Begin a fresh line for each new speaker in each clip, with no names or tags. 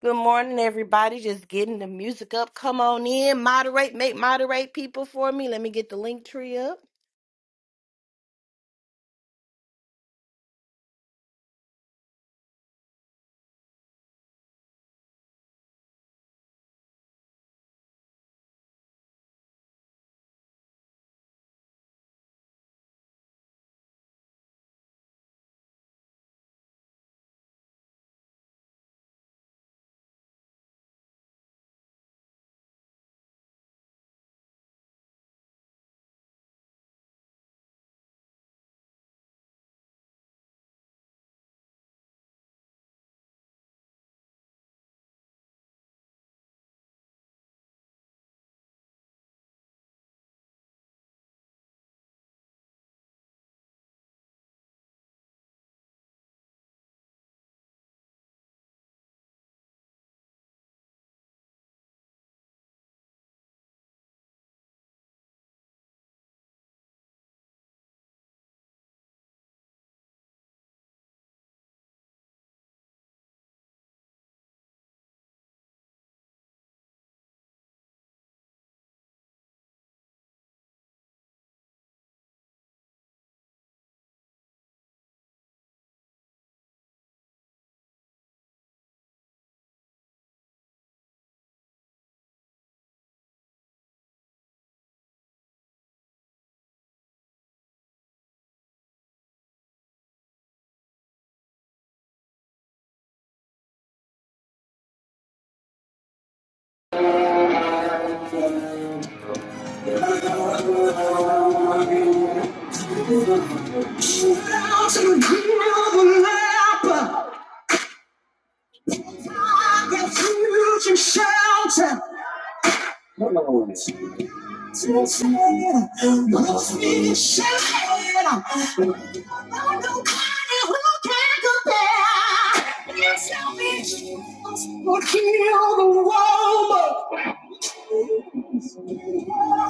Good morning, everybody. Just getting the music up. Come on in, moderate, make moderate people for me. Let me get the link tree up.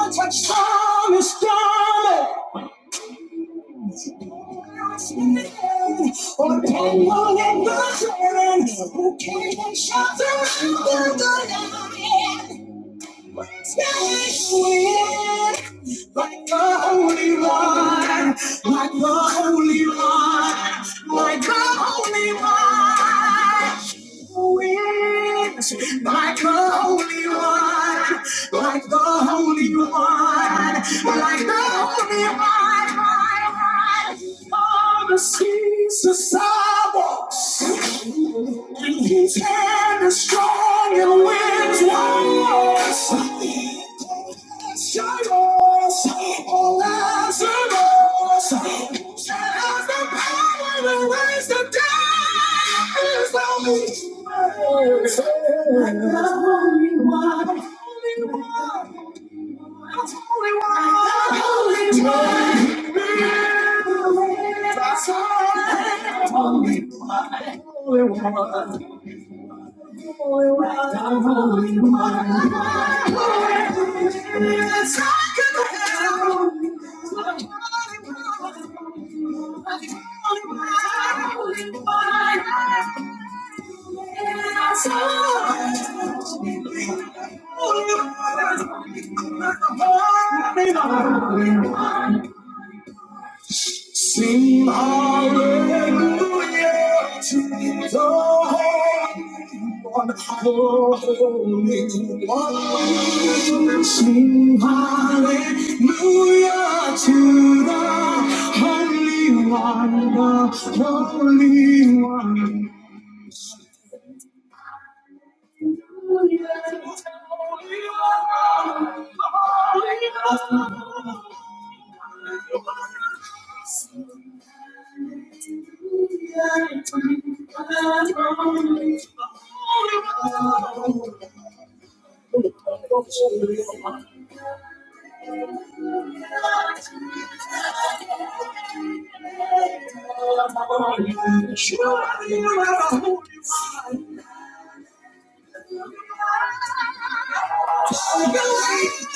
Touch from his garment. Or people in the turn who came and shelter under the lion. Stand in like the Holy One, like the Holy One, like the Holy One wins like the Holy One, like the Holy One, like the Holy One. my God. On the seas, the sidewalks, and his hand is strong and wins wars. Lazarus, oh Lazarus, shadows, the power to raise. It's the only one. Sing hallelujah to the Holy One, the Holy One. Sing hallelujah to the Holy One, the Holy One. Sure, you are a holy one.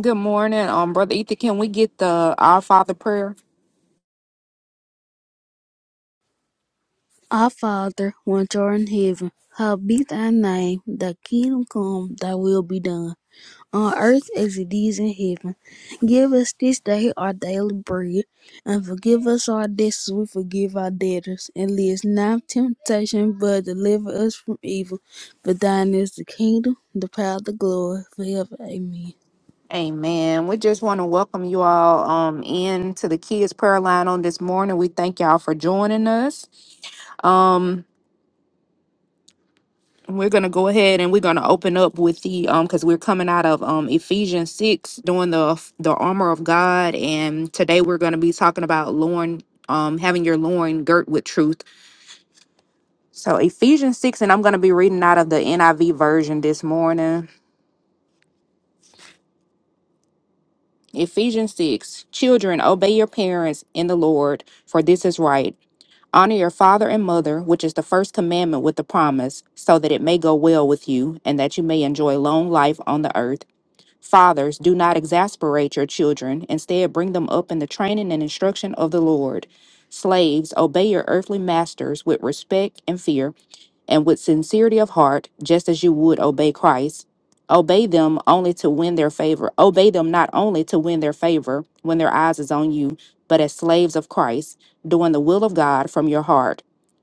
Good morning, um, brother Ether. Can we get the Our Father prayer?
Our Father which art in heaven, hallowed be thy name, thy kingdom come, thy will be done, on earth as it is in heaven. Give us this day our daily bread, and forgive us our debts as we forgive our debtors, and lead us not into temptation, but deliver us from evil. For thine is the kingdom, the power, the glory, forever. Amen.
Amen. We just want to welcome you all um into the kids prayer line on this morning. We thank y'all for joining us. Um, we're gonna go ahead and we're gonna open up with the um because we're coming out of um Ephesians six doing the the armor of God, and today we're gonna be talking about Lorne um having your loin girt with truth. So Ephesians six, and I'm gonna be reading out of the NIV version this morning. Ephesians 6 Children, obey your parents in the Lord, for this is right. Honor your father and mother, which is the first commandment with the promise, so that it may go well with you and that you may enjoy long life on the earth. Fathers, do not exasperate your children. Instead, bring them up in the training and instruction of the Lord. Slaves, obey your earthly masters with respect and fear and with sincerity of heart, just as you would obey Christ. Obey them only to win their favor. Obey them not only to win their favor when their eyes is on you, but as slaves of Christ, doing the will of God from your heart.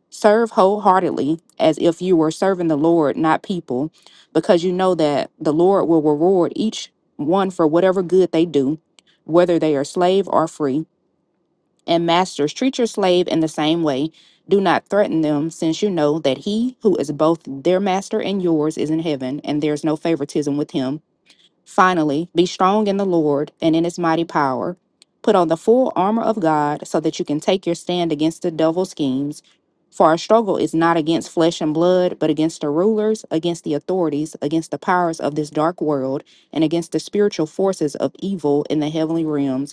Serve wholeheartedly as if you were serving the Lord, not people, because you know that the Lord will reward each one for whatever good they do, whether they are slave or free. And masters, treat your slave in the same way. Do not threaten them, since you know that he who is both their master and yours is in heaven, and there is no favoritism with him. Finally, be strong in the Lord and in his mighty power. Put on the full armor of God so that you can take your stand against the devil's schemes. For our struggle is not against flesh and blood, but against the rulers, against the authorities, against the powers of this dark world, and against the spiritual forces of evil in the heavenly realms.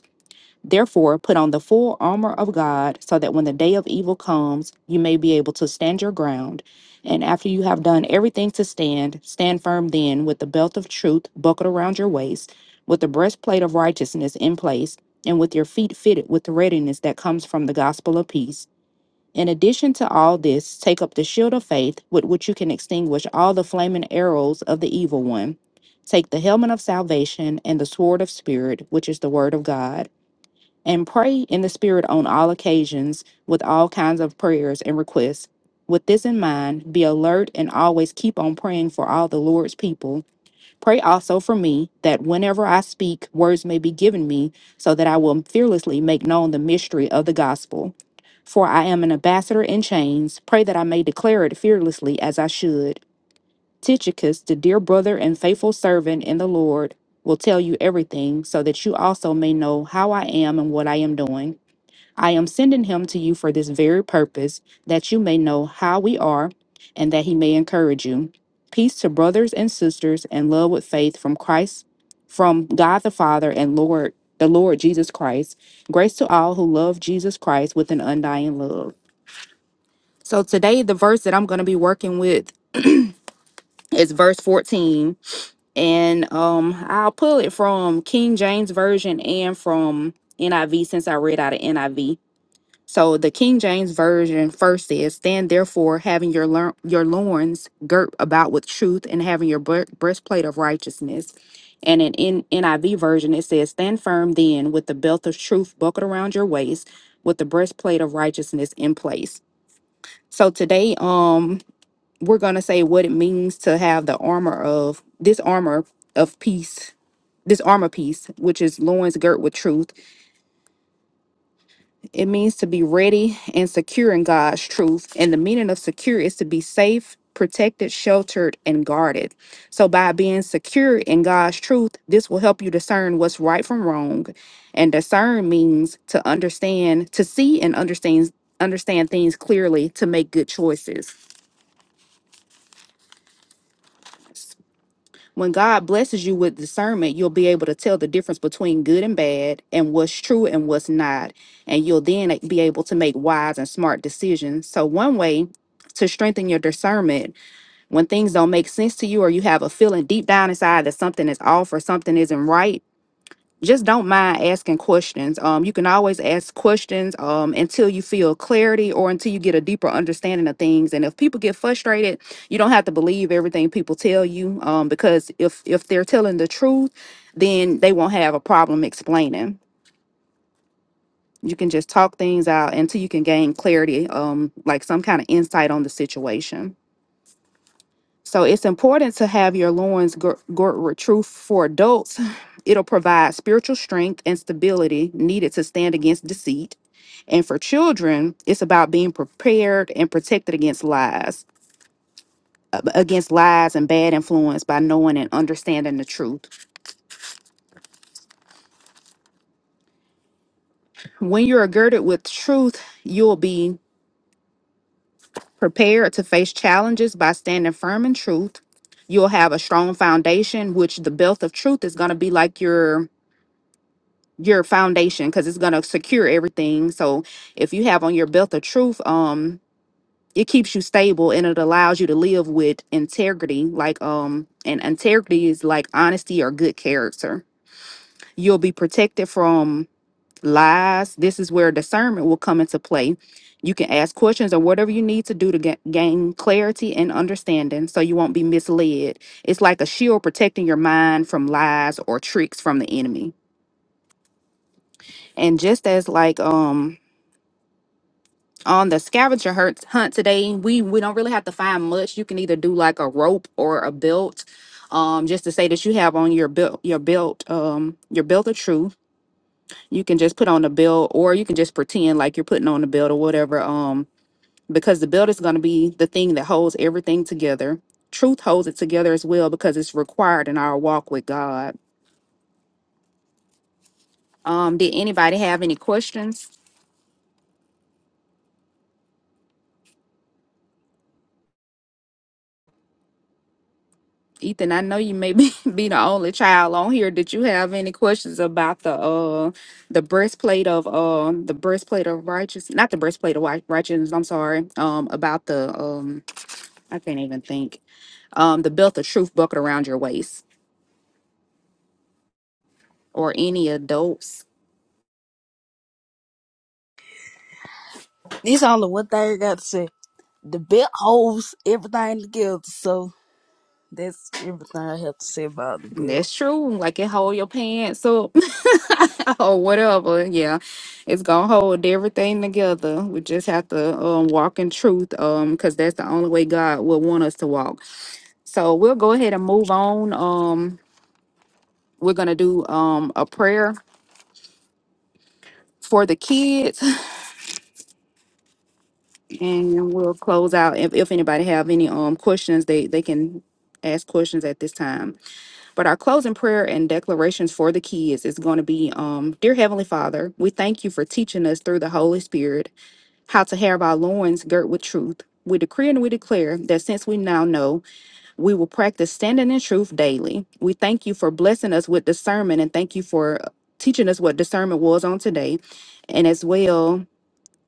Therefore, put on the full armor of God so that when the day of evil comes, you may be able to stand your ground. And after you have done everything to stand, stand firm then with the belt of truth buckled around your waist, with the breastplate of righteousness in place, and with your feet fitted with the readiness that comes from the gospel of peace. In addition to all this, take up the shield of faith with which you can extinguish all the flaming arrows of the evil one. Take the helmet of salvation and the sword of spirit, which is the word of God and pray in the Spirit on all occasions with all kinds of prayers and requests. With this in mind, be alert and always keep on praying for all the Lord's people. Pray also for me that whenever I speak, words may be given me, so that I will fearlessly make known the mystery of the gospel. For I am an ambassador in chains. Pray that I may declare it fearlessly as I should. Tychicus, the dear brother and faithful servant in the Lord, will tell you everything, so that you also may know how I am and what I am doing. I am sending him to you for this very purpose, that you may know how we are and that he may encourage you. Peace to brothers and sisters and love with faith from Christ, from God the Father and Lord, the Lord Jesus Christ. Grace to all who love Jesus Christ with an undying love. So today the verse that I'm going to be working with is verse 14 and um I'll pull it from King James version and from NIV since I read out of NIV So the King James version first says, "Stand therefore, having your lear- your loins girt about with truth, and having your bre- breastplate of righteousness." And in, in NIV version, it says, "Stand firm then, with the belt of truth buckled around your waist, with the breastplate of righteousness in place." So today, um, we're gonna say what it means to have the armor of this armor of peace, this armor piece, which is loins girt with truth It means to be ready and secure in God's truth. And the meaning of secure is to be safe, protected, sheltered, and guarded. So, by being secure in God's truth, this will help you discern what's right from wrong. And discern means to understand, to see and understand, understand things clearly to make good choices. When God blesses you with discernment, you'll be able to tell the difference between good and bad and what's true and what's not. And you'll then be able to make wise and smart decisions. So, one way to strengthen your discernment when things don't make sense to you or you have a feeling deep down inside that something is off or something isn't right just don't mind asking questions. Um, you can always ask questions um, until you feel clarity or until you get a deeper understanding of things. And if people get frustrated, you don't have to believe everything people tell you um, because if if they're telling the truth, then they won't have a problem explaining. You can just talk things out until you can gain clarity, um, like some kind of insight on the situation. So it's important to have your loins gir- girt with truth for adults. It'll provide spiritual strength and stability needed to stand against deceit. And for children, it's about being prepared and protected against lies, against lies and bad influence by knowing and understanding the truth. When you're girded with truth, you'll be prepared to face challenges by standing firm in truth. You'll have a strong foundation, which the belt of truth is going to be like your your foundation because it's going to secure everything. So if you have on your belt of truth, um, it keeps you stable and it allows you to live with integrity. Like um, and integrity is like honesty or good character. You'll be protected from lies. This is where discernment will come into play. You can ask questions or whatever you need to do to ga- gain clarity and understanding so you won't be misled. It's like a shield protecting your mind from lies or tricks from the enemy. And just as like um on the scavenger hunt hunt today, we we don't really have to find much. You can either do like a rope or a belt. Um, just to say that you have on your belt your belt, um, your belt of truth. You can just put on the belt or you can just pretend like you're putting on the belt or whatever. Um, because the belt is gonna be the thing that holds everything together. Truth holds it together as well because it's required in our walk with God. Um, did anybody have any questions? Ethan, I know you may be, be the only child on here. Did you have any questions about the uh the breastplate of um the breastplate of righteousness? Not the breastplate of wi- righteousness. I'm sorry. Um, about the um I can't even think. Um, the belt of truth bucket around your waist or any adults.
This only one thing I got to say. The belt holds everything together, so that's everything I have to say about the belt.
That's true. Like it hold your pants up or whatever. Yeah, it's gonna hold everything together. We just have to um walk in truth. Um, because that's the only way God will want us to walk So we'll go ahead and move on. Um, we're gonna do um a prayer for the kids, and we'll close out. If, if anybody have any um questions, they they can ask questions at this time. But our closing prayer and declarations for the kids is going to be, um, dear Heavenly Father, we thank you for teaching us through the Holy Spirit how to have our loins girt with truth. We decree and we declare that since we now know We will practice standing in truth daily. We thank you for blessing us with discernment and thank you for teaching us what discernment was on today and as well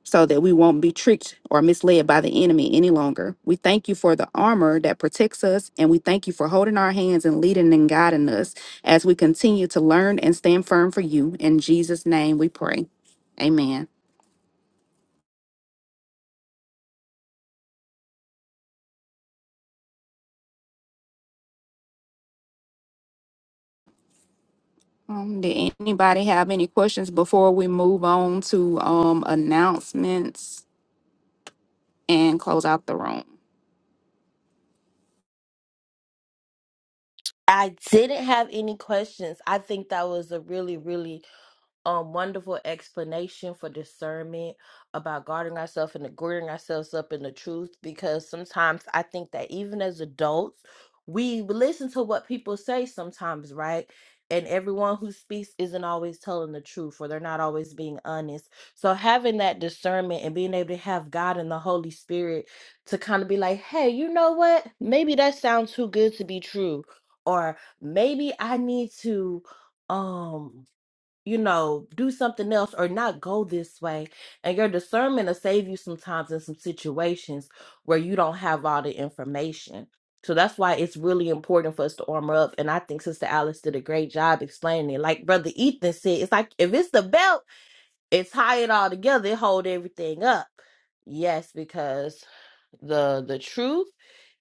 so that we won't be tricked or misled by the enemy any longer. We thank you for the armor that protects us and we thank you for holding our hands and leading and guiding us as we continue to learn and stand firm for you. In Jesus' name we pray. Amen. Um, did anybody have any questions before we move on to um announcements? and close out the room.
I didn't have any questions. I think that was a really, really um wonderful explanation for discernment about guarding ourselves and girding ourselves up in the truth because sometimes I think that even as adults we listen to what people say sometimes, right? And everyone who speaks isn't always telling the truth or they're not always being honest. So having that discernment and being able to have God and the Holy Spirit to kind of be like, "Hey, you know what? Maybe that sounds too good to be true." Or maybe I need to um you know, do something else or not go this way. And your discernment will save you sometimes in some situations where you don't have all the information. So that's why it's really important for us to armor up. And I think Sister Alice did a great job explaining it. Like Brother Ethan said, it's like if it's the belt, it's tie it all together, it hold everything up. Yes, because the the truth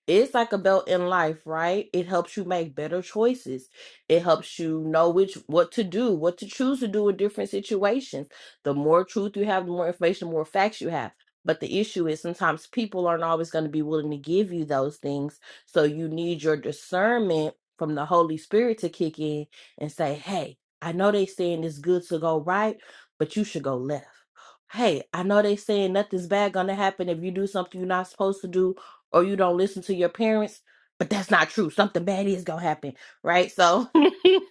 is like a belt in life, right? It helps you make better choices. It helps you know which what to do, what to choose to do in different situations. The more truth you have, the more information, the more facts you have. But the issue is sometimes people aren't always going to be willing to give you those things. So you need your discernment from the Holy Spirit to kick in and say, "Hey, I know they saying it's good to go right, but you should go left." Hey, I know they saying nothing's bad gonna happen if you do something you're not supposed to do or you don't listen to your parents, but that's not true. Something bad is gonna happen, right? So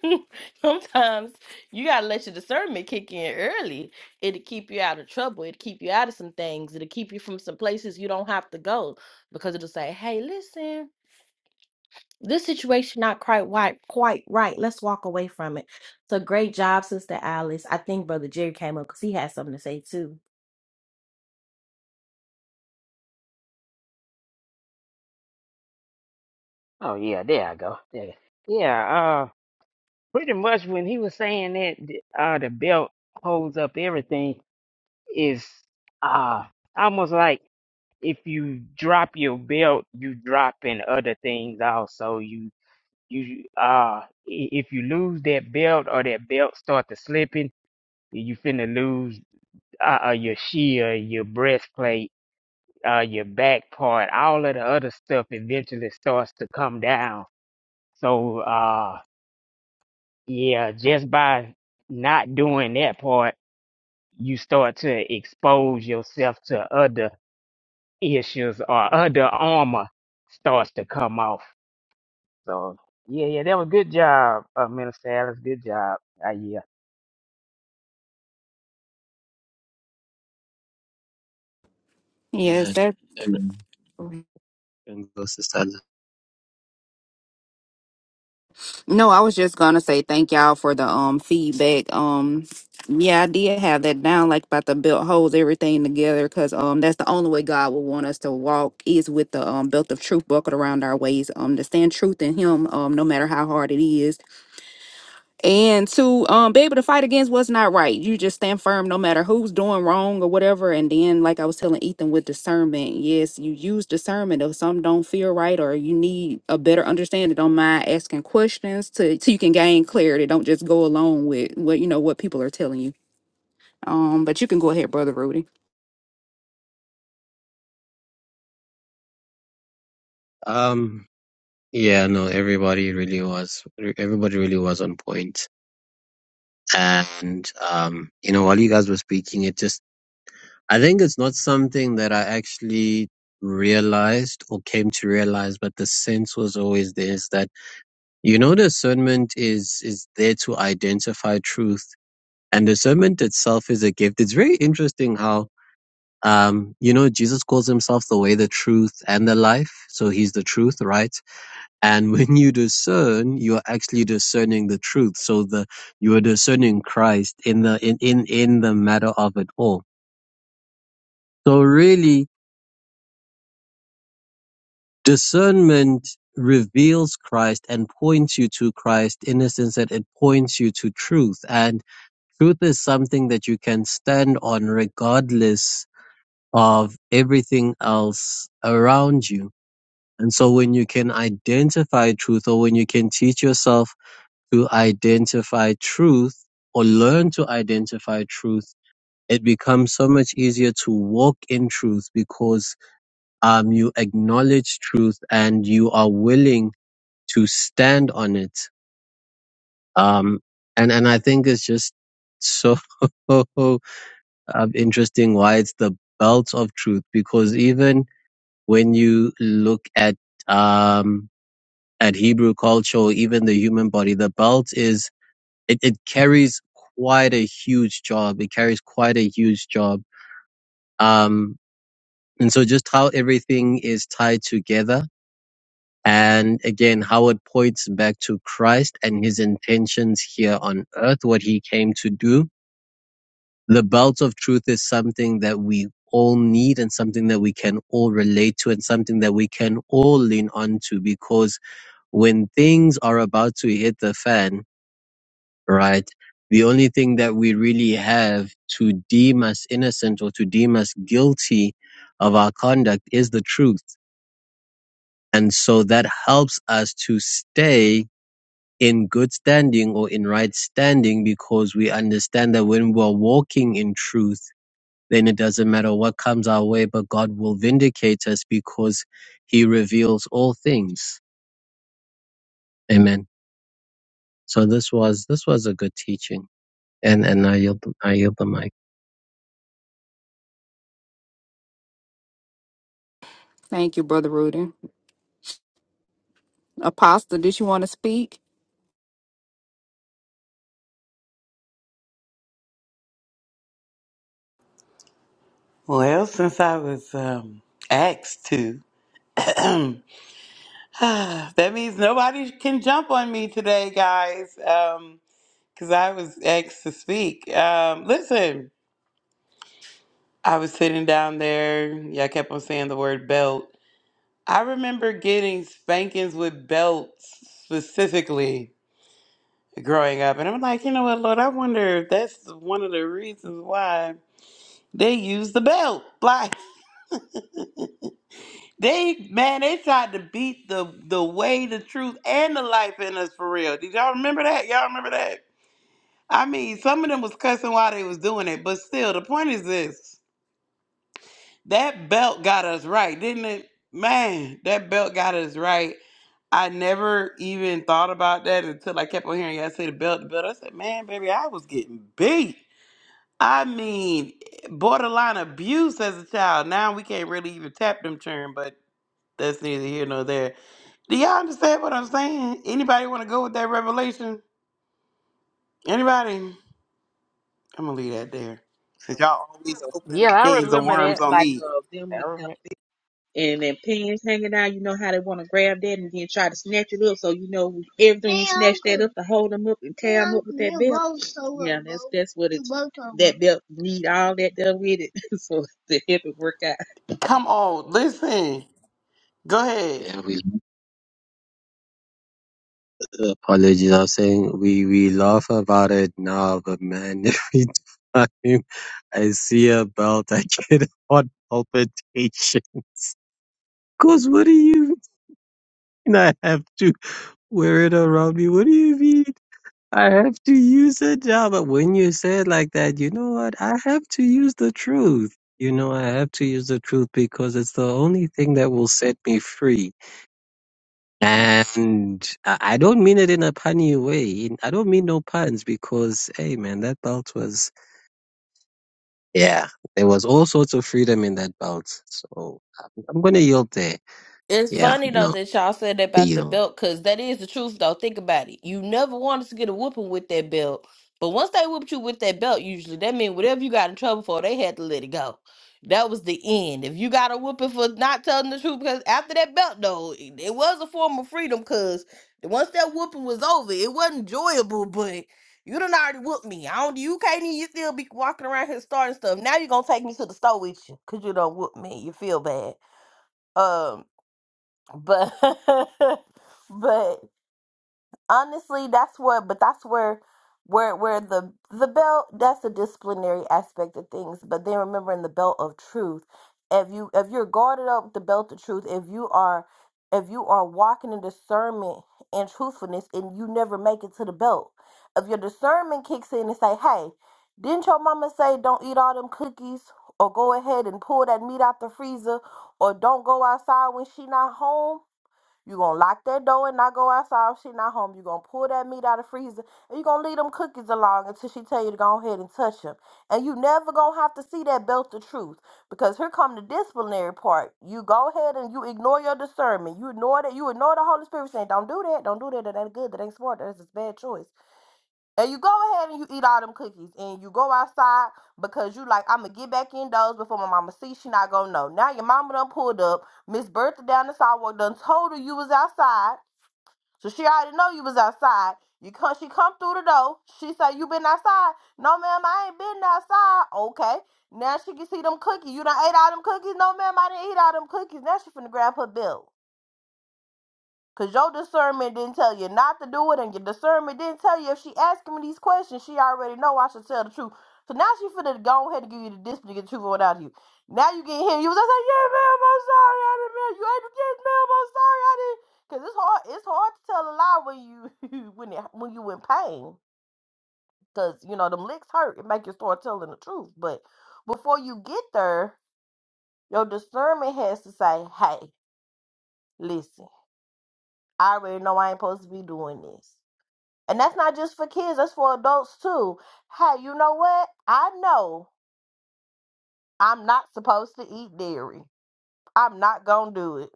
sometimes you gotta let your discernment kick in early. It'll keep you out of trouble. It'll keep you out of some things. It'll keep you from some places you don't have to go because it'll say, "Hey, listen." This situation not quite right, quite right. Let's walk away from it. So great job, Sister Alice. I think Brother Jerry came up because he had something to say too.
Oh yeah, there I go. There. Yeah, uh, pretty much when he was saying that th- uh the belt holds up everything is uh almost like if you drop your belt, you dropping other things also. You you uh i- if you lose that belt or that belt start to slipping, you finna lose uh, uh your shield, your breastplate, uh your back part, all of the other stuff eventually starts to come down. So uh. Yeah, just by not doing that part, you start to expose yourself to other issues or other armor starts to come off. So yeah, yeah, that was good job, uh, Minister Alice. Good job. Uh, yeah,
Yes,
Man,
that.
amen. And go, Sister. Ala.
No, I was just gonna say thank y'all for the um feedback. Um, yeah, I did have that down, like about the belt holds everything together, cause um that's the only way God would want us to walk is with the um belt of truth buckled around our waist. Um, to stand truth in Him, um, no matter how hard it is. and to um be able to fight against what's not right you just stand firm no matter who's doing wrong or whatever and then like i was telling ethan with discernment yes you use discernment if some don't feel right or you need a better understanding don't mind asking questions to so you can gain clarity don't just go along with what you know what people are telling you um but you can go ahead brother rudy
Um, yeah, no, everybody really was, everybody really was on point. And, um, you know, while you guys were speaking, it just, I think it's not something that I actually realized or came to realize, but the sense was always there is that, you know, discernment is, is there to identify truth and discernment itself is a gift. It's very interesting how Um, you know, Jesus calls himself the way, the truth, and the life. So he's the truth, right? And when you discern, you're actually discerning the truth. So the you are discerning Christ in the in in in the matter of it all. So really, discernment reveals Christ and points you to Christ in the sense that it points you to truth. And truth is something that you can stand on regardless of everything else around you And so when you can identify truth or when you can teach yourself to identify truth or learn to identify truth, it becomes so much easier to walk in truth because um, you acknowledge truth and you are willing to stand on it. Um, and, and I think it's just so um, interesting why it's the belt of truth because even when you look at, um, and Hebrew culture, even the human body, the belt is it, it carries quite a huge job. It carries quite a huge job. Um, and so just how everything is tied together. And again, how it points back to Christ and his intentions here on earth, what he came to do. The belt of truth is something that we all need and something that we can all relate to and something that we can all lean onto because when things are about to hit the fan, right? The only thing that we really have to deem us innocent or to deem us guilty of our conduct is the truth. And so that helps us to stay in good standing or in right standing because we understand that when we're walking in truth, then it doesn't matter what comes our way, but God will vindicate us because he reveals all things. Amen. So this was, this was a good teaching. And, and I yield, I yield the mic.
thank you brother rudy apostle did you want to speak
Well, since I was um, asked to, that means nobody can jump on me today, guys, because I was asked to speak. Um, listen, I was sitting down there. Y'all kept on saying the word belt. I remember getting spankings with belts specifically growing up. And I'm like, you know what, Lord, I wonder if that's one of the reasons why they use the belt. Like, They man, they tried to beat the the way, the truth, and the life in us for real. Did y'all remember that? Y'all remember that? I mean, some of them was cussing while they was doing it, but still, the point is this: that belt got us right, didn't it? Man, that belt got us right. I never even thought about that until I kept on hearing y'all say the belt, the belt. I said, man, baby, I was getting beat. I mean, borderline abuse as a child. Now we can't really even tap them churn, but that's neither here nor there. Do y'all understand what I'm saying? Anybody want to go with that revelation? Anybody? I'm gonna leave that there. Since y'all always
So
opening
yeah,
up
I
cans of
remember
It's
worms
that.
just
on
like
me.
uh, them
I
with them
remember.
and then pins hanging out. You know how they want to grab that and then try to snatch it up. So you know everything you snatch that up to hold them up and tie them up with that belt. Yeah, that's that's what it's. That belt need all that done with it, so to help it work
Come on, listen. Go ahead.
Yeah, we Apologies, I'm saying we we laugh about it now, but man, every time I see a belt, I get a heart palpitation. Cause what do you mean? I have to wear it around me. What do you mean? I have to use it now. But when you say it like that, you know what? I have to use the truth. You know, I have to use the truth because it's the only thing that will set me free And I I don't mean it in a punny way. In- I don't mean no puns because, hey man, that belt was, yeah, there was all sorts of freedom in that belt. So I'm, I'm going to yield there.
It's
Yeah,
funny though
no,
that y'all said that
I
about the
yield.
belt, cause that is the truth though. Think about it. You never wanted to get a whooping with that belt, but once they whooped you with that belt, usually that means whatever you got in trouble for, they had to let it go. That was the end. If you got a whooping for not telling the truth, because after that belt though, it, it was a form of freedom, cause once that whooping was over, it wasn't enjoyable, but. You done already whooped me. I don't. You can't even still be walking around here starting stuff. Now you gonna take me to the store with you, cause you done whooped me. You feel bad. Um but but honestly that's what but that's where where where the the belt that's the disciplinary aspect of things but then remembering the belt of truth if you if you're guarded up with the belt of truth if you are if you are walking in discernment and truthfulness and you never make it to the belt if your discernment kicks in and say hey didn't your mama say don't eat all them cookies or go ahead and pull that meat out the freezer or don't go outside when she not home you gonna lock that door and not go outside if she not home. you gonna pull that meat out of the freezer and you gonna leave them cookies along until she tell you to go ahead and touch them. And you never gonna have to see that belt of truth. Because here come the disciplinary part. You go ahead and you ignore your discernment. You ignore that you ignore the Holy Spirit saying, Don't do that, don't do that, that ain't good, that ain't smart, that is a bad choice. And you go ahead and you eat all them cookies and you go outside because you like, I'ma get back indoors before my mama see she not gonna know. Now your mama done pulled up, Miss Bertha down the sidewalk done told her you was outside. So she already know you was outside. You come she come through the door, she say you been outside. No ma'am, I ain't been outside. Okay. Now she can see them cookies. You done ate all them cookies? No ma'am, I didn't eat all them cookies. Now she finna grab her bill. Cause your discernment didn't tell you not to do it, and your discernment didn't tell you if she asking me these questions, she already know I should tell the truth. So now she finna go ahead and give you the discipline to get the truth on out of you. Now you get him. You was like, yeah, ma'am, I'm sorry, I didn't mean you ain't yes, ma'am, I'm sorry, I didn't. Cause it's hard, it's hard to tell a lie when you when it when you in pain. Cause you know them licks hurt. It make you start telling the truth. But before you get there, your discernment has to say, hey, listen, I already know I ain't supposed to be doing this. And that's not just for kids, that's for adults too. Hey, you know what? I know I'm not supposed to eat dairy. I'm not going to do it.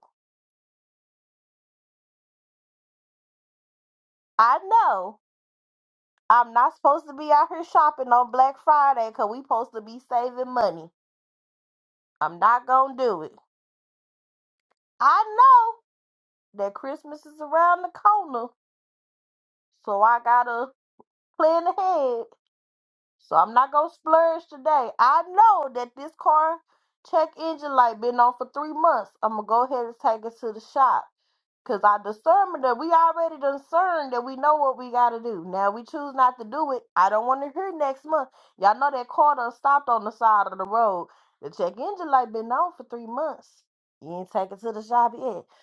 I know I'm not supposed to be out here shopping on Black Friday because we supposed to be saving money. I'm not going to do it. I know that Christmas is around the corner, so I got to plan ahead. So I'm not going to splurge today. I know that this car check engine light been on for three months. I'm going to go ahead and take it to the shop. Cause our discernment that we already discerned that we know what we gotta do. Now we choose not to do it. I don't want to hear next month. Y'all know that car done stopped on the side of the road. The check engine light been on for three months. You ain't take it to the shop yet.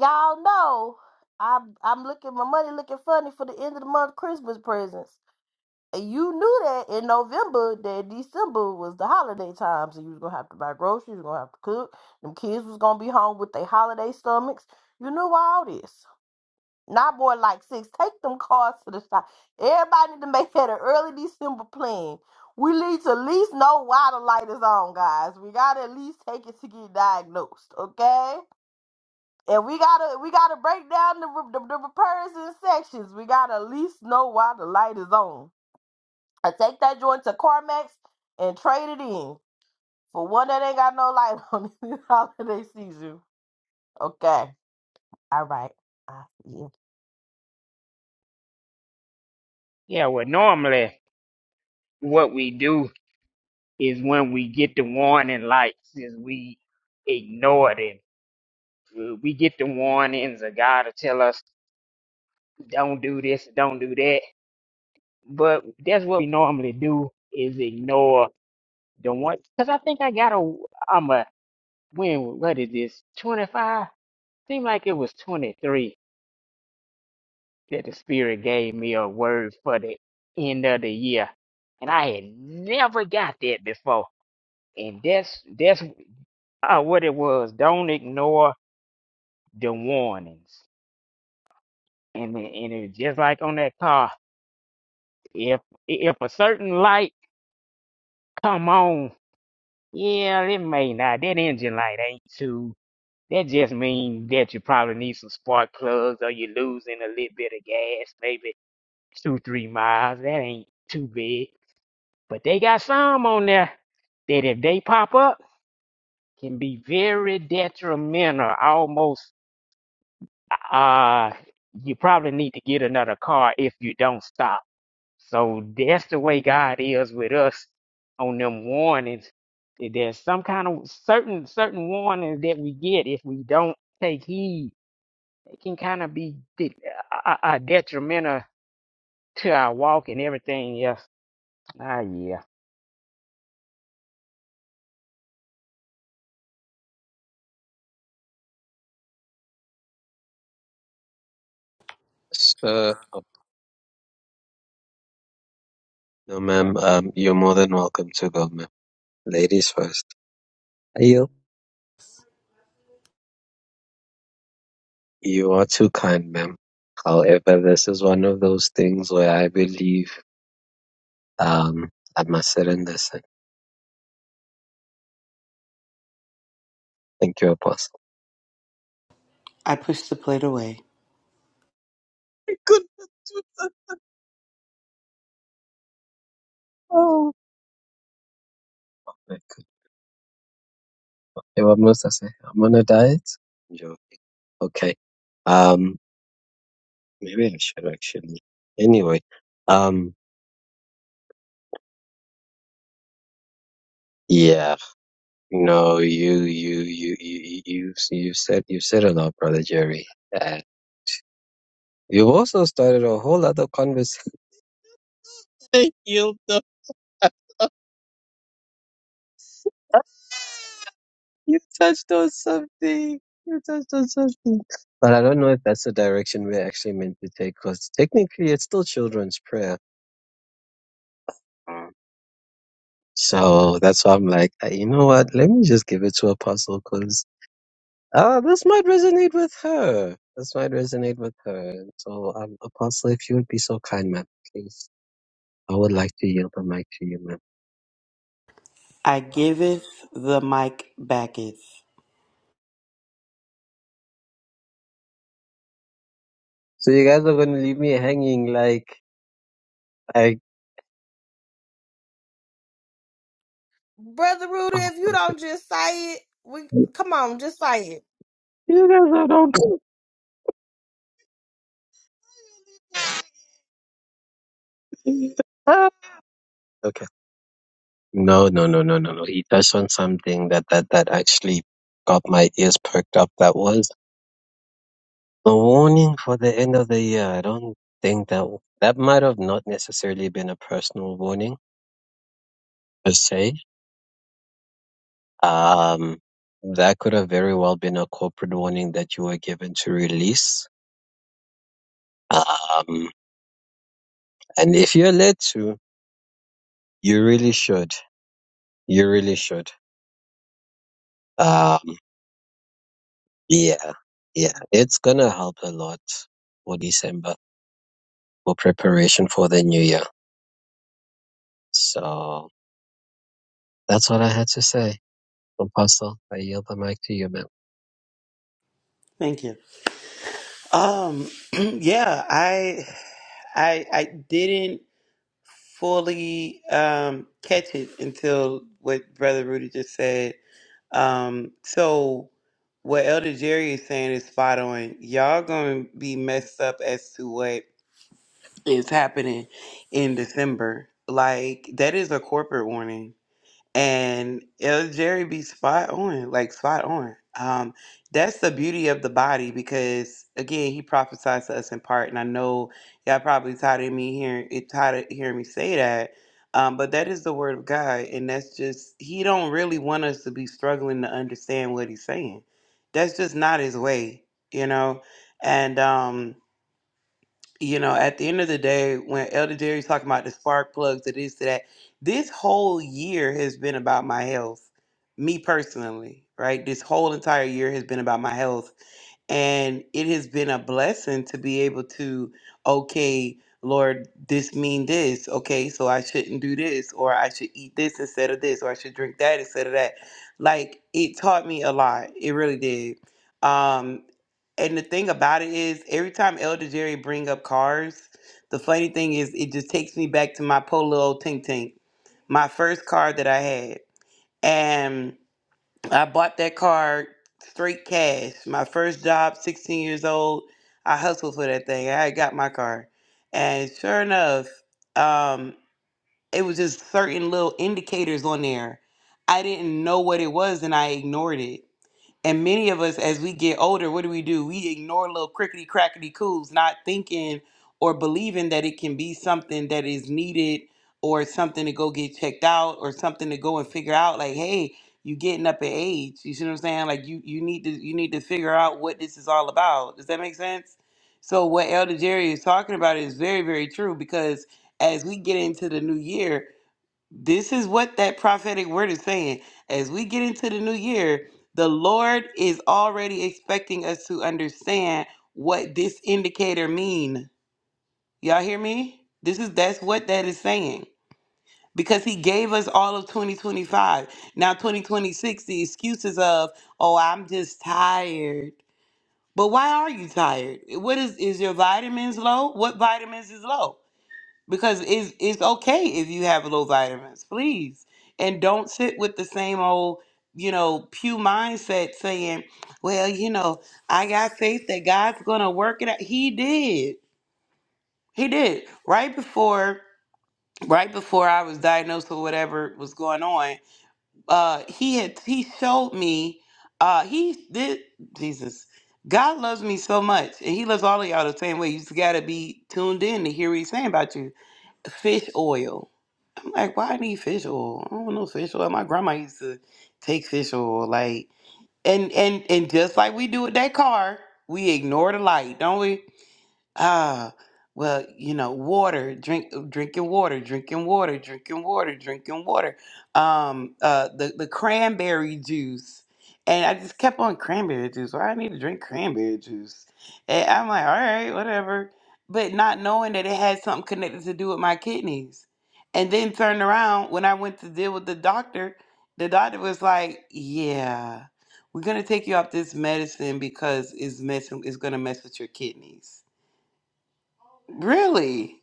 Y'all know I'm I'm looking my money looking funny for the end of the month Christmas presents. And you knew that in November that December was the holiday time. So you was gonna have to buy groceries, you was gonna have to cook. Them kids was gonna be home with their holiday stomachs. You knew all this. Not more like six. Take them cars to the shop. Everybody need to make that an early December plan. We need to at least know why the light is on, guys. We gotta at least take it to get diagnosed, okay? And we gotta we gotta break down the, re- the, the repairs in sections. We gotta at least know why the light is on. I take that joint to CarMax and trade it in for one that ain't got no light on this holiday season. Okay, all right. I see.
Yeah, well, normally what we do is when we get the warning lights, is we ignore them. We we get the warnings of God to tell us don't do this, don't do that but that's what we normally do is ignore the one because I think I got a I'm a when what is this 25 seemed like it was 23 that the spirit gave me a word for the end of the year and I had never got that before and that's that's uh, what it was don't ignore the warnings and it- and it's just like on that car if if a certain light come on yeah, it may not. That engine light ain't too. That just means that you probably need some spark plugs or you're losing a little bit of gas, maybe two, three miles. That ain't too big. But they got some on there that if they pop up can be very detrimental. Almost uh you probably need to get another car if you don't stop. So that's the way God is with us on them warnings. There's some kind of certain certain warnings that we get if we don't take heed it can kind of be de- uh, uh, detrimental to our walk and everything. else. Ah, yeah.
Uh, no, ma'am, um, you're more than welcome to go, ma'am. Ladies first. I yield. You are too kind, ma'am. However, this is one of those things where I believe, um, I must sit and listen. Thank you, Apostle.
I push the plate away.
I couldn't do that. Oh. Yeah, what must I say? I'm on a diet? Joking. Okay. Um, maybe I should actually. Anyway, um, yeah, no, you, you, you, you, you, you said, you said a lot, brother Jerry. Uh, you also started a whole other conversation. you know, you touched on something. You touched on something. But I don't know if that's the direction we're actually meant to take, because technically it's still children's prayer. So that's why I'm like, "Uh, you know what? Let me just give it to Apostle because uh, this might resonate with her. This might resonate with her. So, um, Apostle, if you would be so kind, ma'am, please. I would like to yield the mic to you, ma'am.
I giveth the mic backeth.
So you guys are going to leave me hanging like, like,
Brother Rudy,
oh
if you
my
don't just say it, we
god.
come on, just say it.
You guys are not. Ah. okay. No, no, no, no, no, no. He touched on something that, that, that actually got my ears perked up. That was A warning for the end of the year. I don't think that that might have not necessarily been a personal warning per se. Um, that could have very well been a corporate warning that you were given to release. Um, and if you're led to, you really should. You really should. Um, yeah, yeah, it's gonna help a lot for December for preparation for the new year. So that's what I had to say. Apostle, I yield the mic to you, man.
Thank you. Um, yeah, I, I, I didn't. fully um, catch it until what Brother Rudy just said. Um, so what Elder Jerry is saying is spot on. Y'all gonna be messed up as to what is happening in December. Like that is a corporate warning and El Jerry be spot on, like spot on. Um, that's the beauty of the body because again, he prophesies to us in part, and I know y'all probably tired of me hearing it, tired of hearing me say that. Um, but that is the word of God, and that's just he don't really want us to be struggling to understand what he's saying. That's just not his way, you know. And um, you know, at the end of the day, when Elder Jerry's talking about the spark plugs, it is that this whole year has been about my health, me personally, right? This whole entire year has been about my health. And it has been a blessing to be able to, okay, Lord, this mean this. Okay, so I shouldn't do this, or I should eat this instead of this, or I should drink that instead of that. Like it taught me a lot. It really did. Um, and the thing about it is, every time Elder Jerry bring up cars, the funny thing is, it just takes me back to my Polo old Tink Tink, my first car that I had, and I bought that car straight cash. My first job, 16 years old, I hustled for that thing. I got my car, and sure enough, um, it was just certain little indicators on there. I didn't know what it was, and I ignored it and many of us, as we get older, what do we do? We ignore little crickety crackety coos, not thinking or believing that it can be something that is needed or something to go get checked out or something to go and figure out like, hey, you getting up in age. You see what I'm saying? Like you you need to you need to figure out what this is all about. Does that make sense? So what Elder Jerry is talking about is very, very true because as we get into the new year, this is what that prophetic word is saying. As we get into the new year, the Lord is already expecting us to understand what this indicator mean. Y'all hear me? This is that's what that is saying. Because he gave us all of 2025. Now 2026, the excuses of, oh, I'm just tired. But why are you tired? What is is your vitamins low? What vitamins is low? because it's it's okay if you have low vitamins, please. And don't sit with the same old, you know, pew mindset saying, "Well, you know, I got faith that God's going to work it out." He did. He did. Right before right before I was diagnosed with whatever was going on, uh he had he showed me uh he did Jesus God loves me so much, and He loves all of y'all the same way. You just gotta be tuned in to hear what He's saying about you. Fish oil. I'm like, why I need fish oil? I don't know fish oil. My grandma used to take fish oil, like, and and and just like we do with that car, we ignore the light, don't we? Ah, well, you know, water, drink, uh, drinking water, drinking water, drinking water, drinking water. Um, uh, the the cranberry juice, and I just kept on cranberry juice. Why I need to drink cranberry juice? And I'm like, all right, whatever. But not knowing that it had something connected to do with my kidneys, and then turned around when I went to deal with the doctor. The doctor was like, yeah, we're gonna take you off this medicine because it's messing, it's gonna mess with your kidneys really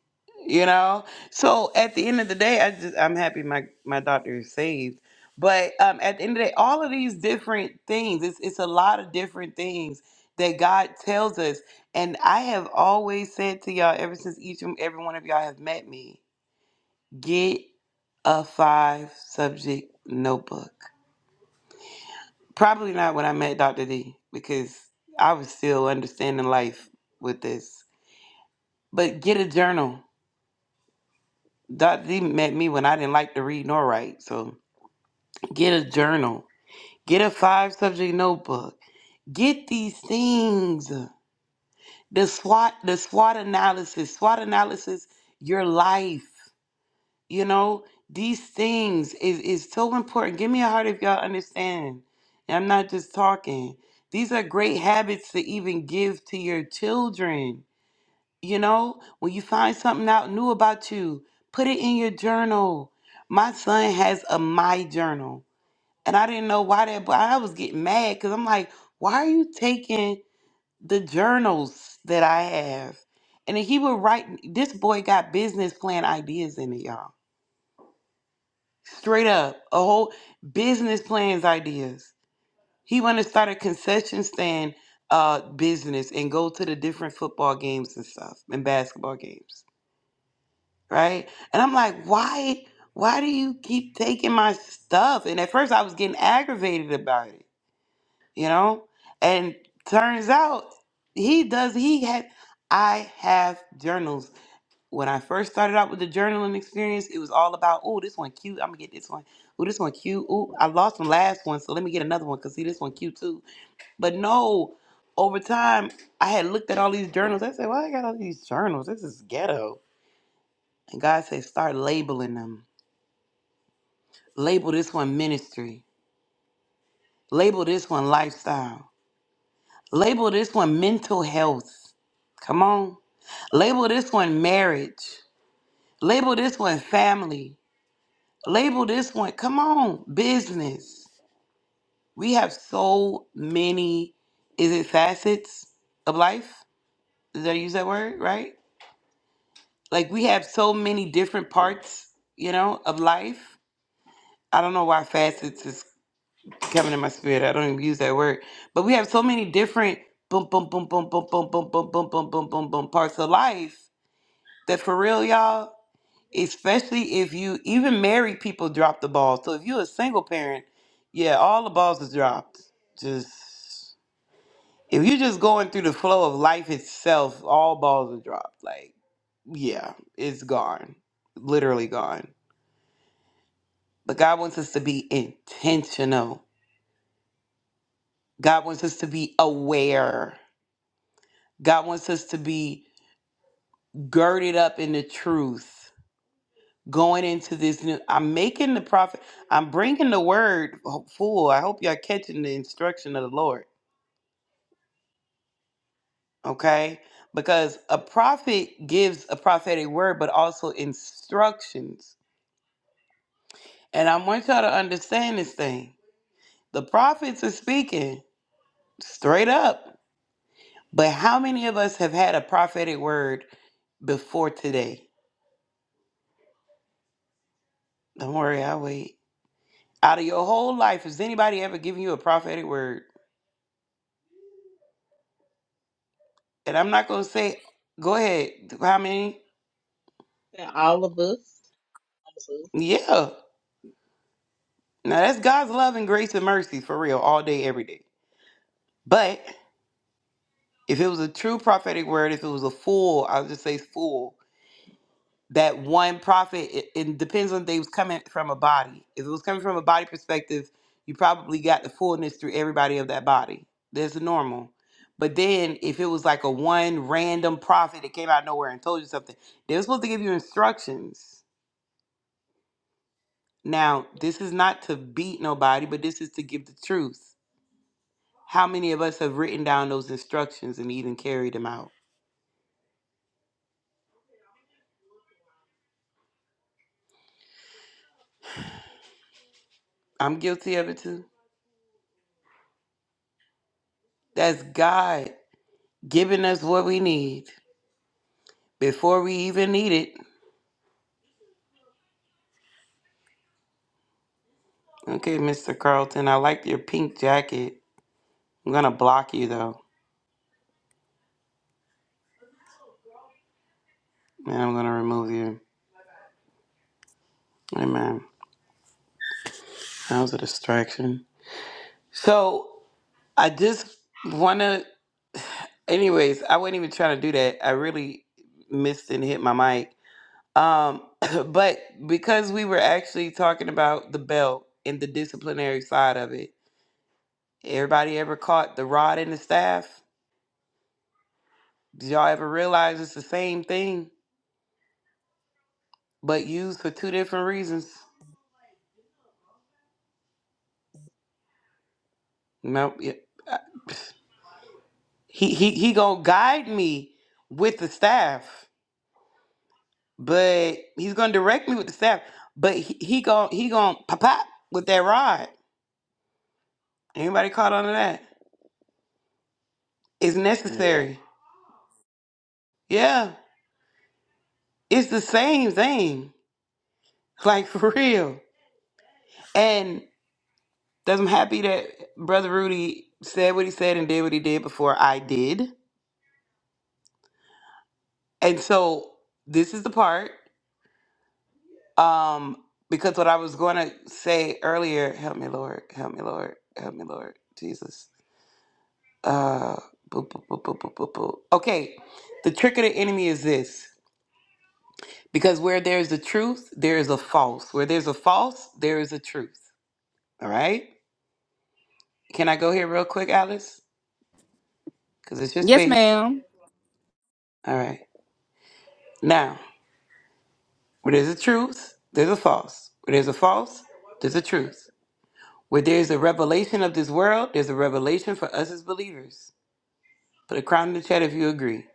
you know so at the end of the day i just i'm happy my my doctor is saved but um at the end of the day all of these different things it's, it's a lot of different things that god tells us and i have always said to y'all ever since each and every one of y'all have met me get a five subject notebook probably not when i met dr d because i was still understanding life with this but get a journal Dr. D met me when I didn't like to read nor write. So get a journal, get a five subject notebook, get these things. The SWOT, the SWOT analysis, SWOT analysis, your life. You know, these things is, is so important. Give me a heart if y'all understand. And I'm not just talking. These are great habits to even give to your children You know, when you find something out new about you, put it in your journal. My son has a my journal, and I didn't know why that, but I was getting mad because I'm like, why are you taking the journals that I have? And then he would write. This boy got business plan ideas in it, y'all. Straight up, a whole business plans ideas. He want to start a concession stand uh, business and go to the different football games and stuff and basketball games. right? And I'm like, why, why do you keep taking my stuff? And at first I was getting aggravated about it, you know? And turns out he does, he had, I have journals. When I first started out with the journaling experience, it was all about, oh, this one cute. I'm gonna get this one. Oh, this one cute. Oh, I lost my last one, so let me get another one because see, this one cute too. But no, over time, I had looked at all these journals. I said, well, I got all these journals. This is ghetto. And God said, start labeling them Label this one ministry. Label this one lifestyle. Label this one mental health. Come on. Label this one marriage. Label this one family. Label this one, come on, business. We have so many, is it facets of life? Did I use that word right? Like we have so many different parts, you know, of life. I don't know why facets is coming in my spirit. I don't even use that word. But we have so many different boom, boom, boom, boom, boom, boom, boom, boom, boom, boom, boom, boom, boom parts of life that for real, y'all, especially if you even married people drop the ball. So if you're a single parent, yeah, all the balls are dropped. Just if you're just going through the flow of life itself, all balls are dropped. Like, yeah, it's gone. Literally gone. But God wants us to be intentional. God wants us to be aware. God wants us to be girded up in the truth going into this new. I'm making the prophet, I'm bringing the word full. I hope y'all catching the instruction of the Lord, okay? Because a prophet gives a prophetic word, but also instructions. And I want y'all to understand this thing. The prophets are speaking straight up, but how many of us have had a prophetic word before today? Don't worry, I'll wait. Out of your whole life, has anybody ever given you a prophetic word? And I'm not going to say, go ahead. How many?
out. All of us, all of us,
Yeah. Now that's God's love and grace and mercy for real, all day, every day. But if it was a true prophetic word, if it was a full, I'll just say full. that one prophet it, it depends on if they was coming from a body if it was coming from a body perspective you probably got the fullness through everybody of that body there's the normal but then if it was like a one random prophet that came out of nowhere and told you something they were supposed to give you instructions now this is not to beat nobody but this is to give the truth how many of us have written down those instructions and even carried them out i'm guilty of it too that's god giving us what we need before we even need it Okay, Mr. Carlton, I like your pink jacket. I'm gonna block you though, and I'm gonna remove you. Hey, man, That was a distraction. So I just wanna, anyways, I wasn't even trying to do that. I really missed and hit my mic. Um, but because we were actually talking about the belt and the disciplinary side of it, everybody ever caught the rod and the staff? Did y'all ever realize it's the same thing, but used for two different reasons? No, it- I- he he he gonna guide me with the staff, but he's gonna direct me with the staff. But he, he gonna he gonna pop pop with that rod. Anybody caught on to that? It's
Yeah.
necessary. Yeah, it's the same thing. Like for real. And that's I'm happy that brother Rudy said what he said and did what he did before I did. And so this is the part. Um, because what I was going to say earlier, help me, Lord, help me, Lord, help me, Lord, Jesus. Uh, boop, boop, boop, boop, boop, boop, boop. Okay, the trick of the enemy is this because where there's the truth, there is a false. Where there's a false, there is a truth. All right, can I go here real quick, Alice? Because it's your
yes
space.
ma'am
All right, now where there's a truth, there's a false. Where there's a false, there's a truth. Where there's a revelation of this world, there's a revelation for us as believers. Put a crown in the chat if you agree.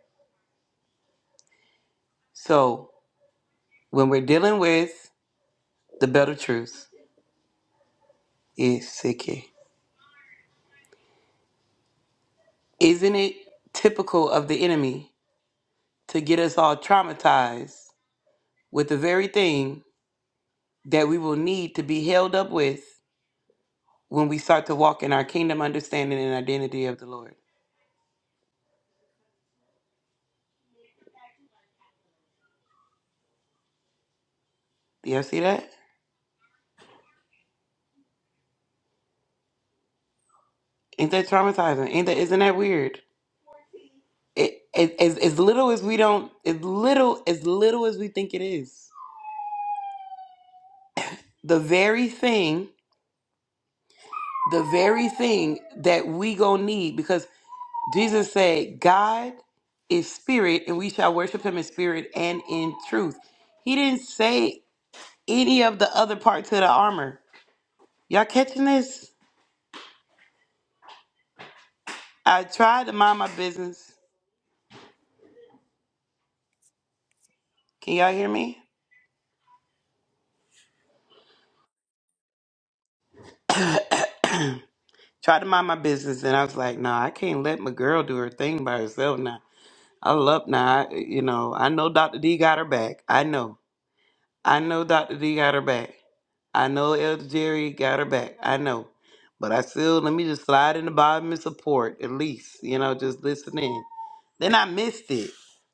So when we're dealing with the belt of truth, it's sicky. Isn't it typical of the enemy to get us all traumatized with the very thing that we will need to be held up with when we start to walk in our kingdom understanding and identity of the Lord? Do y'all see that? Ain't that traumatizing? Ain't that isn't that weird? It, it, as, as little as we don't, as little as little as we think it is, the very thing the very thing that we gonna need because jesus said god is spirit and we shall worship him in spirit and in truth he didn't say any of the other parts of the armor y'all catching this i tried to mind my business can y'all hear me tried to mind my business and i was like nah i can't let my girl do her thing by herself now i love now I, you know i know dr d got her back i know I know Dr. D got her back. I know Elder Jerry got her back. I know. But I still, let me just slide in the bottom and support at least, you know, just listen in. Then I missed it.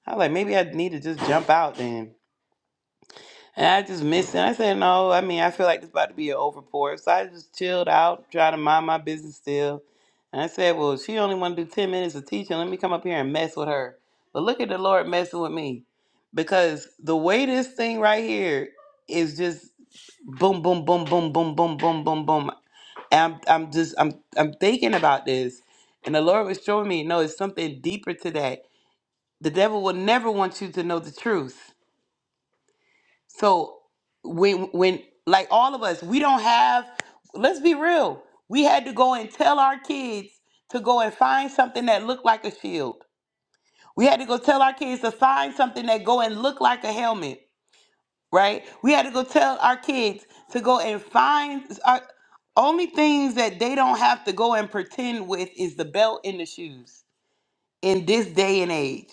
I was like, maybe I need to just jump out then. And I just missed it. I said, no, I mean, I feel like this about to be an overpour. So I just chilled out, trying to mind my business still. And I said, well, she only want to do 10 minutes of teaching. Let me come up here and mess with her. But look at the Lord messing with me. Because the way this thing right here is just boom, boom, boom, boom, boom, boom, boom, boom, boom. And I'm, I'm just, I'm, I'm thinking about this, and the Lord was showing me, no, it's something deeper to that. The devil will never want you to know the truth. So when, when, like all of us, we don't have. Let's be real. We had to go and tell our kids to go and find something that looked like a shield. We had to go tell our kids to find something that go and look like a helmet. right? We had to go tell our kids to go and find our only things that they don't have to go and pretend with is the belt and the shoes in this day and age.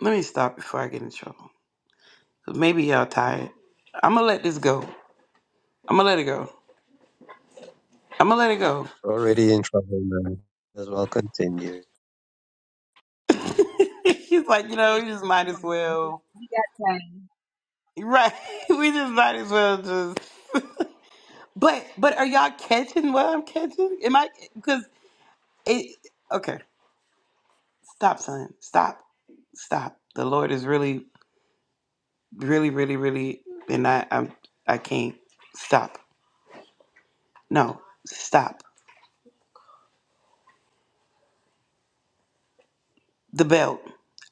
Let me stop before I get in trouble. 'Cause Maybe y'all tired. I'm gonna let this go. I'm gonna let it go. I'm gonna let it go.
Already in trouble man. As well continue.
She's like, you know, we just might as well.
we got time.
Right. We just might as well just. But but are y'all catching what I'm catching? Am I? Because it. Okay. Stop, son. Stop. Stop. The Lord is really, really, really, really, and I, I'm, I can't stop. No, stop. The belt.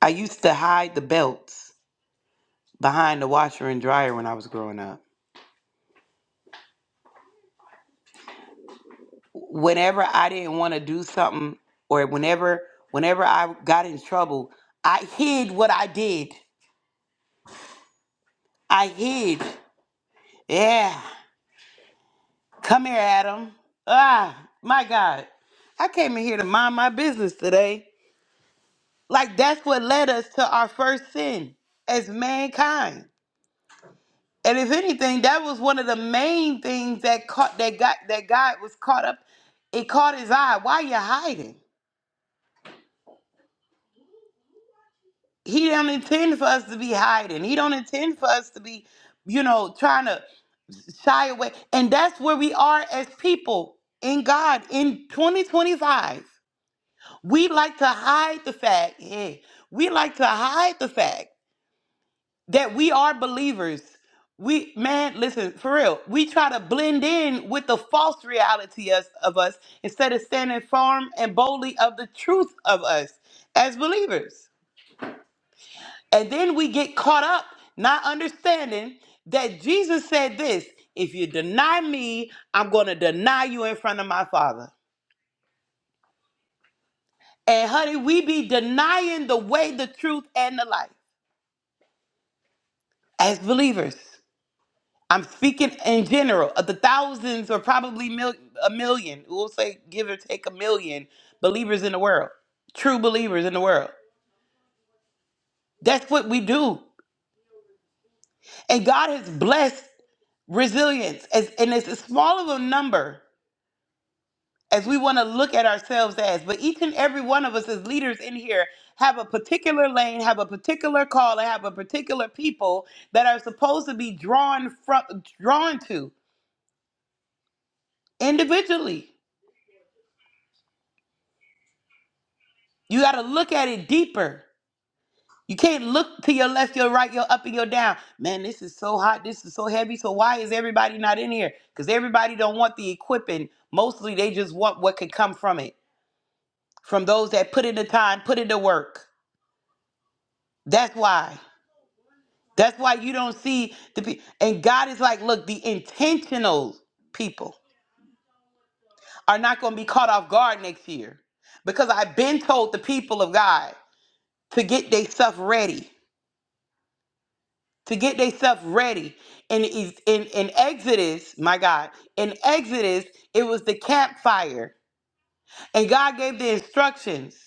I used to hide the belts behind the washer and dryer when I was growing up. Whenever I didn't want to do something, or whenever, whenever I got in trouble, I hid what I did. I hid. Yeah. Come here, Adam. Ah, my God. I came in here to mind my business today. Like that's what led us to our first sin as mankind. And if anything, that was one of the main things that caught that got that God was caught up. It caught his eye. Why you hiding? He don't intend for us to be hiding. He don't intend for us to be, you know, trying to shy away. And that's where we are as people in God in 2025. We like to hide the fact. Yeah, we like to hide the fact that we are believers. We man, listen for real. We try to blend in with the false reality us, of us instead of standing firm and boldly of the truth of us as believers. And then we get caught up not understanding that Jesus said this: "If you deny me, I'm going to deny you in front of my Father." And honey, we be denying the way, the truth, and the life as believers. I'm speaking in general of the thousands or probably mil- a million, we'll say give or take a million believers in the world, true believers in the world. That's what we do. And God has blessed resilience. As, and it's as small of a number as we want to look at ourselves as. But each and every one of us as leaders in here have a particular lane, have a particular call, and have a particular people that are supposed to be drawn from drawn to individually. You got to look at it deeper. You can't look to your left, your right, your up and your down. Man, this is so hot. This is so heavy. So why is everybody not in here? Because everybody don't want the equipping. Mostly they just want what can come from it. From those that put in the time, put in the work. That's why. That's why you don't see the people. And God is like, look, the intentional people are not going to be caught off guard next year. Because I've been told the people of God to get their stuff ready. to get themselves ready. And in, in, in Exodus, my God, in Exodus, it was the campfire. And God gave the instructions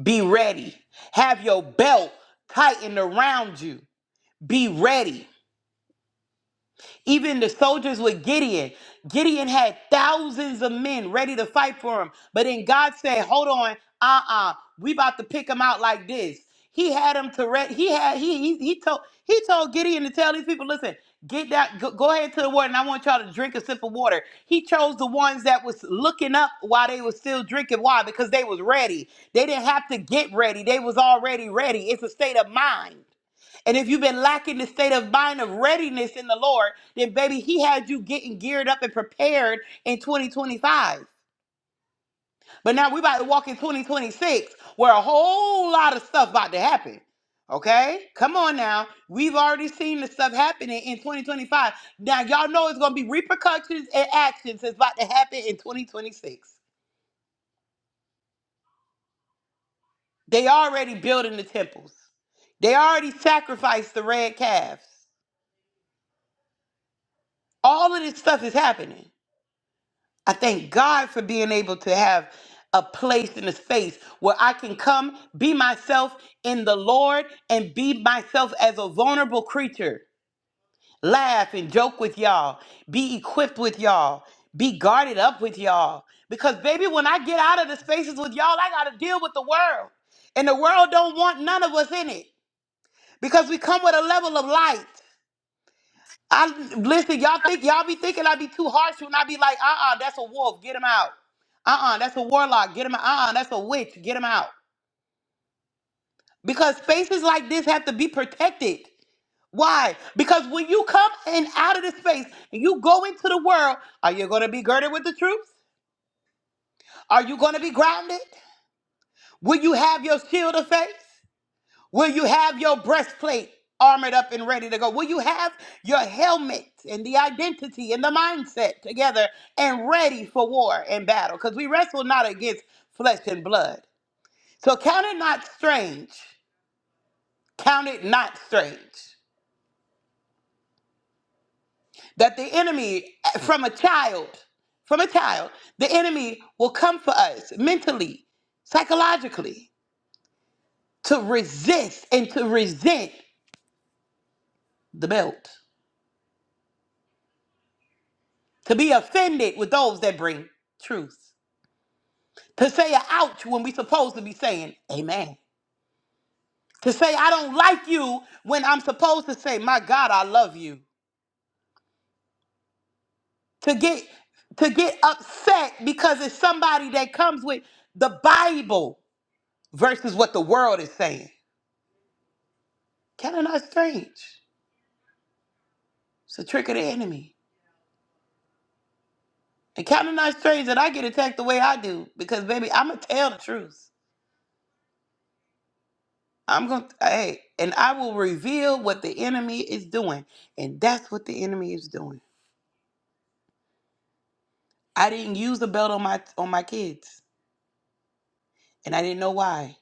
be ready, have your belt tightened around you, be ready. Even the soldiers with Gideon, Gideon had thousands of men ready to fight for him. But then God said, hold on, uh-uh, we about to pick him out like this. He had him to re- he had he, he he told he told Gideon to tell these people, listen, get that go, go ahead to the water and I want y'all to drink a sip of water. He chose the ones that was looking up while they was still drinking. Why? Because they was ready. They didn't have to get ready. They was already ready. It's a state of mind. And if you've been lacking the state of mind of readiness in the Lord, then baby, He had you getting geared up and prepared in 2025. But now we're about to walk in 2026 where a whole lot of stuff about to happen. Okay? Come on now. We've already seen the stuff happening in 2025. Now y'all know it's gonna be repercussions and actions that's about to happen in 2026. They already building the temples. They already sacrificed the red calves. All of this stuff is happening. I thank God for being able to have a place in a space where I can come, be myself in the Lord, and be myself as a vulnerable creature. Laugh and joke with y'all, be equipped with y'all, be guarded up with y'all. Because, baby, when I get out of the spaces with y'all, I got to deal with the world. And the world don't want none of us in it because we come with a level of light. I listen, y'all think y'all be thinking I be too harsh when I be like, uh-uh, that's a wolf, get him out. Uh-uh, that's a warlock, get him out. Uh-uh, that's a witch, get him out. Because spaces like this have to be protected. Why? Because when you come in out of the space and you go into the world, are you gonna be girded with the truth? Are you gonna be grounded? Will you have your shield of faith? Will you have your breastplate armored up and ready to go? Will you have your helmet and the identity and the mindset together and ready for war and battle? Because we wrestle not against flesh and blood. So count it not strange, count it not strange that the enemy eh, from a child, from a child, the enemy will come for us mentally, psychologically, to resist and to resent the belt. to be offended with those that bring truth, to say a ouch when we're supposed to be saying amen, to say I don't like you when I'm supposed to say my God I love you, to get to get upset because it's somebody that comes with the Bible versus what the world is saying. Kind of not strange. It's a trick of the enemy. And kind of not strange that I get attacked the way I do because baby I'm gonna tell the truth. I'm going to, hey, and I will reveal what the enemy is doing. And that's what the enemy is doing. I didn't use the belt on my on my kids, and I didn't know why.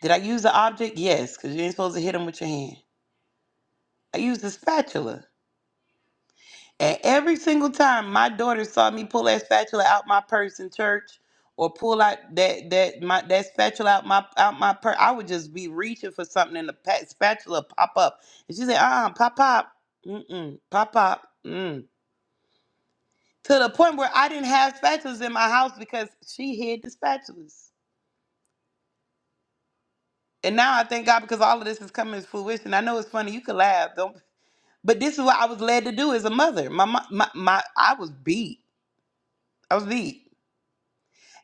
Did I use the object? Yes, because you ain't supposed to hit them with your hand. I used the spatula. And every single time my daughter saw me pull that spatula out my purse in church or pull out that that my that spatula out my out my purse, I would just be reaching for something and the pa- spatula pop up. And she said, uh uh pop pop. Mm-mm, pop pop. mm." to the point where I didn't have spatulas in my house because she hid the spatulas. And now I thank God because all of this is coming to fruition. I know it's funny. You can laugh, don't. But this is what I was led to do as a mother. My my my, my I was beat. I was beat,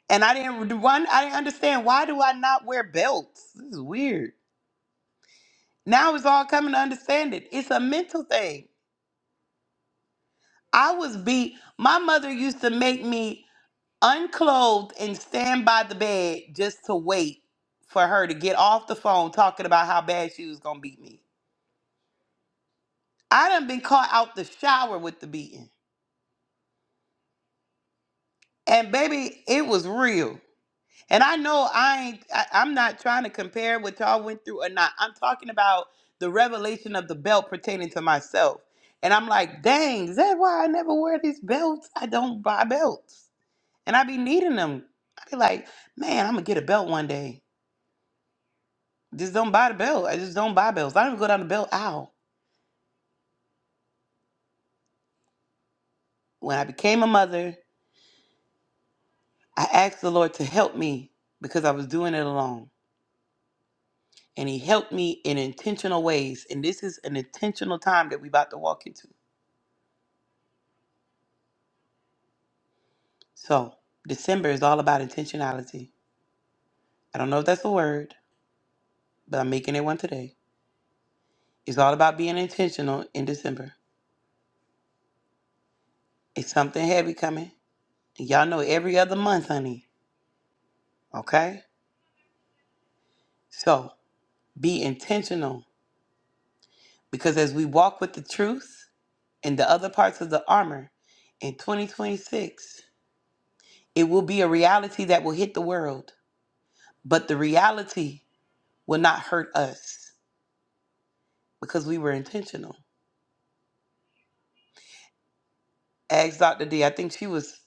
and I didn't one. I didn't understand why do I not wear belts? This is weird. Now it's all coming to understand it. It's a mental thing. I was beat. My mother used to make me. unclothed and stand by the bed just to wait for her to get off the phone talking about how bad she was gonna beat me. I done been caught out the shower with the beating. And baby, it was real. And I know I ain't I, I'm not trying to compare what y'all went through or not. I'm talking about the revelation of the belt pertaining to myself. And I'm like, dang, is that why I never wear these belts? I don't buy belts. And I be needing them. I be like, man, I'm gonna get a belt one day. Just don't buy the belt. I just don't buy belts. I don't even go down the belt aisle. When I became a mother, I asked the Lord to help me because I was doing it alone. And he helped me in intentional ways. And this is an intentional time that we about to walk into. So December is all about intentionality. I don't know if that's a word, but I'm making it one today. It's all about being intentional in December. It's something heavy coming. And y'all know every other month, honey. Okay? So be intentional Because as we walk with the truth and the other parts of the armor in 2026, it will be a reality that will hit the world, but the reality will not hurt us because we were intentional. Ask Dr. D, I think she was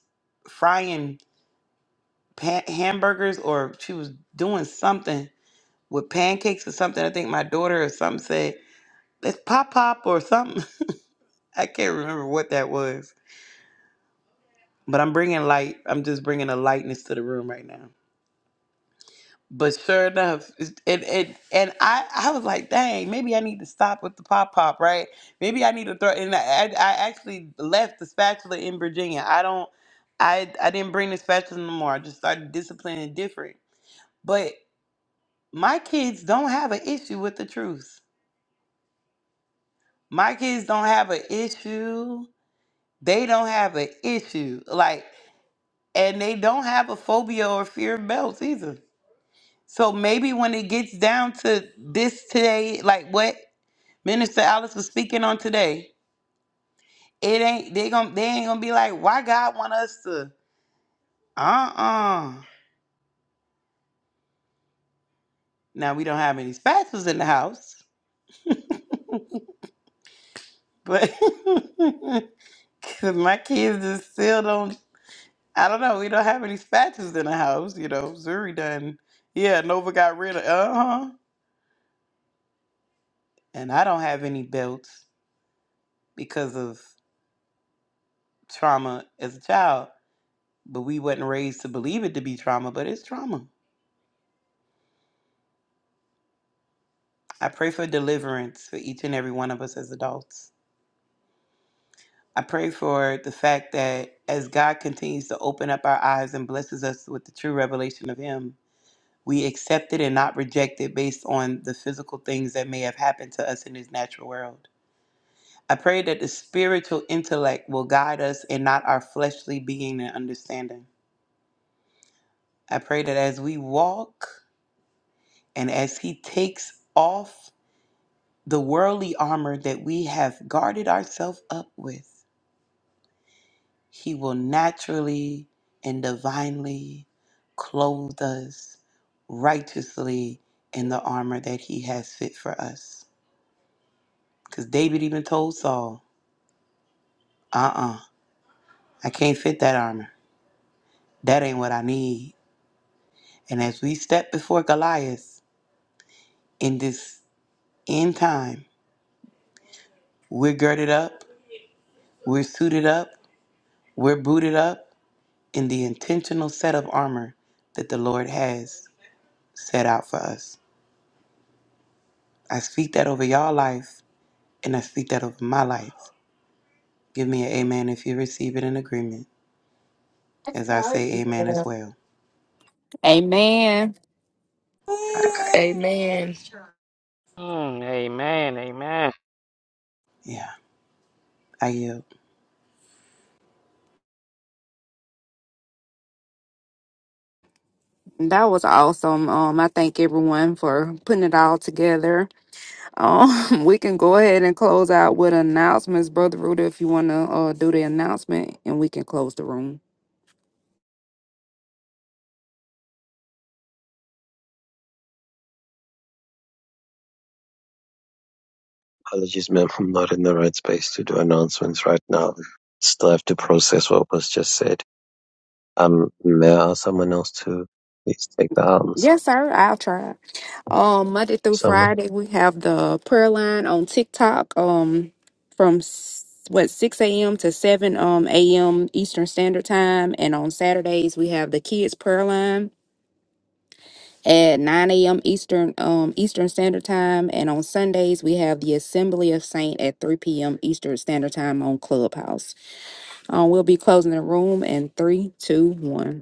frying pan- hamburgers or she was doing something with pancakes or something. I think my daughter or something said, let's pop pop or something. I can't remember what that was, but I'm bringing light. I'm just bringing a lightness to the room right now. But sure enough, it it and I I was like, dang, maybe I need to stop with the pop pop, right? Maybe I need to throw. And I I I actually left the spatula in Virginia. I don't, I I didn't bring the spatula no more. I just started disciplining different. But my kids don't have an issue with the truth. My kids don't have an issue. They don't have an issue. Like, and they don't have a phobia or fear of belts either. So maybe when it gets down to this today, like what? Minister Alice was speaking on today. It ain't they gonna they ain't gonna be like, why God want us to uh-uh. Now we don't have any spatulas in the house, but 'cause my kids just still don't I don't know, we don't have any spatulas in the house, you know. Zuri done yeah, Nova got rid of uh-huh. And I don't have any belts because of trauma as a child. But we wasn't raised to believe it to be trauma, but it's trauma. I pray for deliverance for each and every one of us as adults. I pray for the fact that as God continues to open up our eyes and blesses us with the true revelation of Him, we accept it and not reject it based on the physical things that may have happened to us in this natural world. I pray that the spiritual intellect will guide us and not our fleshly being and understanding. I pray that as we walk and as He takes off the worldly armor that we have guarded ourselves up with, He will naturally and divinely clothe us righteously in the armor that he has fit for us. Because David even told Saul, uh uh I can't fit that armor. That ain't what I need. And as we step before Goliath in this end time, we're girded up, we're suited up, we're booted up in the intentional set of armor that the Lord has set out for us. I speak that over y'all life And I speak that over my life. Give me an amen if you receive it in agreement, as I say amen
Amen.
as well.
amen
All right.
Amen.
Mm, amen. Amen.
Yeah, I yield.
that was awesome um i thank everyone for putting it all together Um, we can go ahead and close out with announcements, Brother Rudy, if you want to uh, do the announcement, and we can close the room.
Apologies, ma'am. I'm not in the right space to do announcements right now. Still have to process what was just said. Um, may I ask someone else to please take the arms?
Yes, sir. I'll try. Um, Monday through
Someone.
Friday, we have the prayer line on TikTok. Um, from s- what six a.m. to seven um a.m. Eastern Standard Time, and on Saturdays we have the kids prayer line at nine a.m. Eastern um Eastern Standard Time, and on Sundays we have the Assembly of Saint at three p.m. Eastern Standard Time on Clubhouse. Um, we'll be closing the room in three, two, one.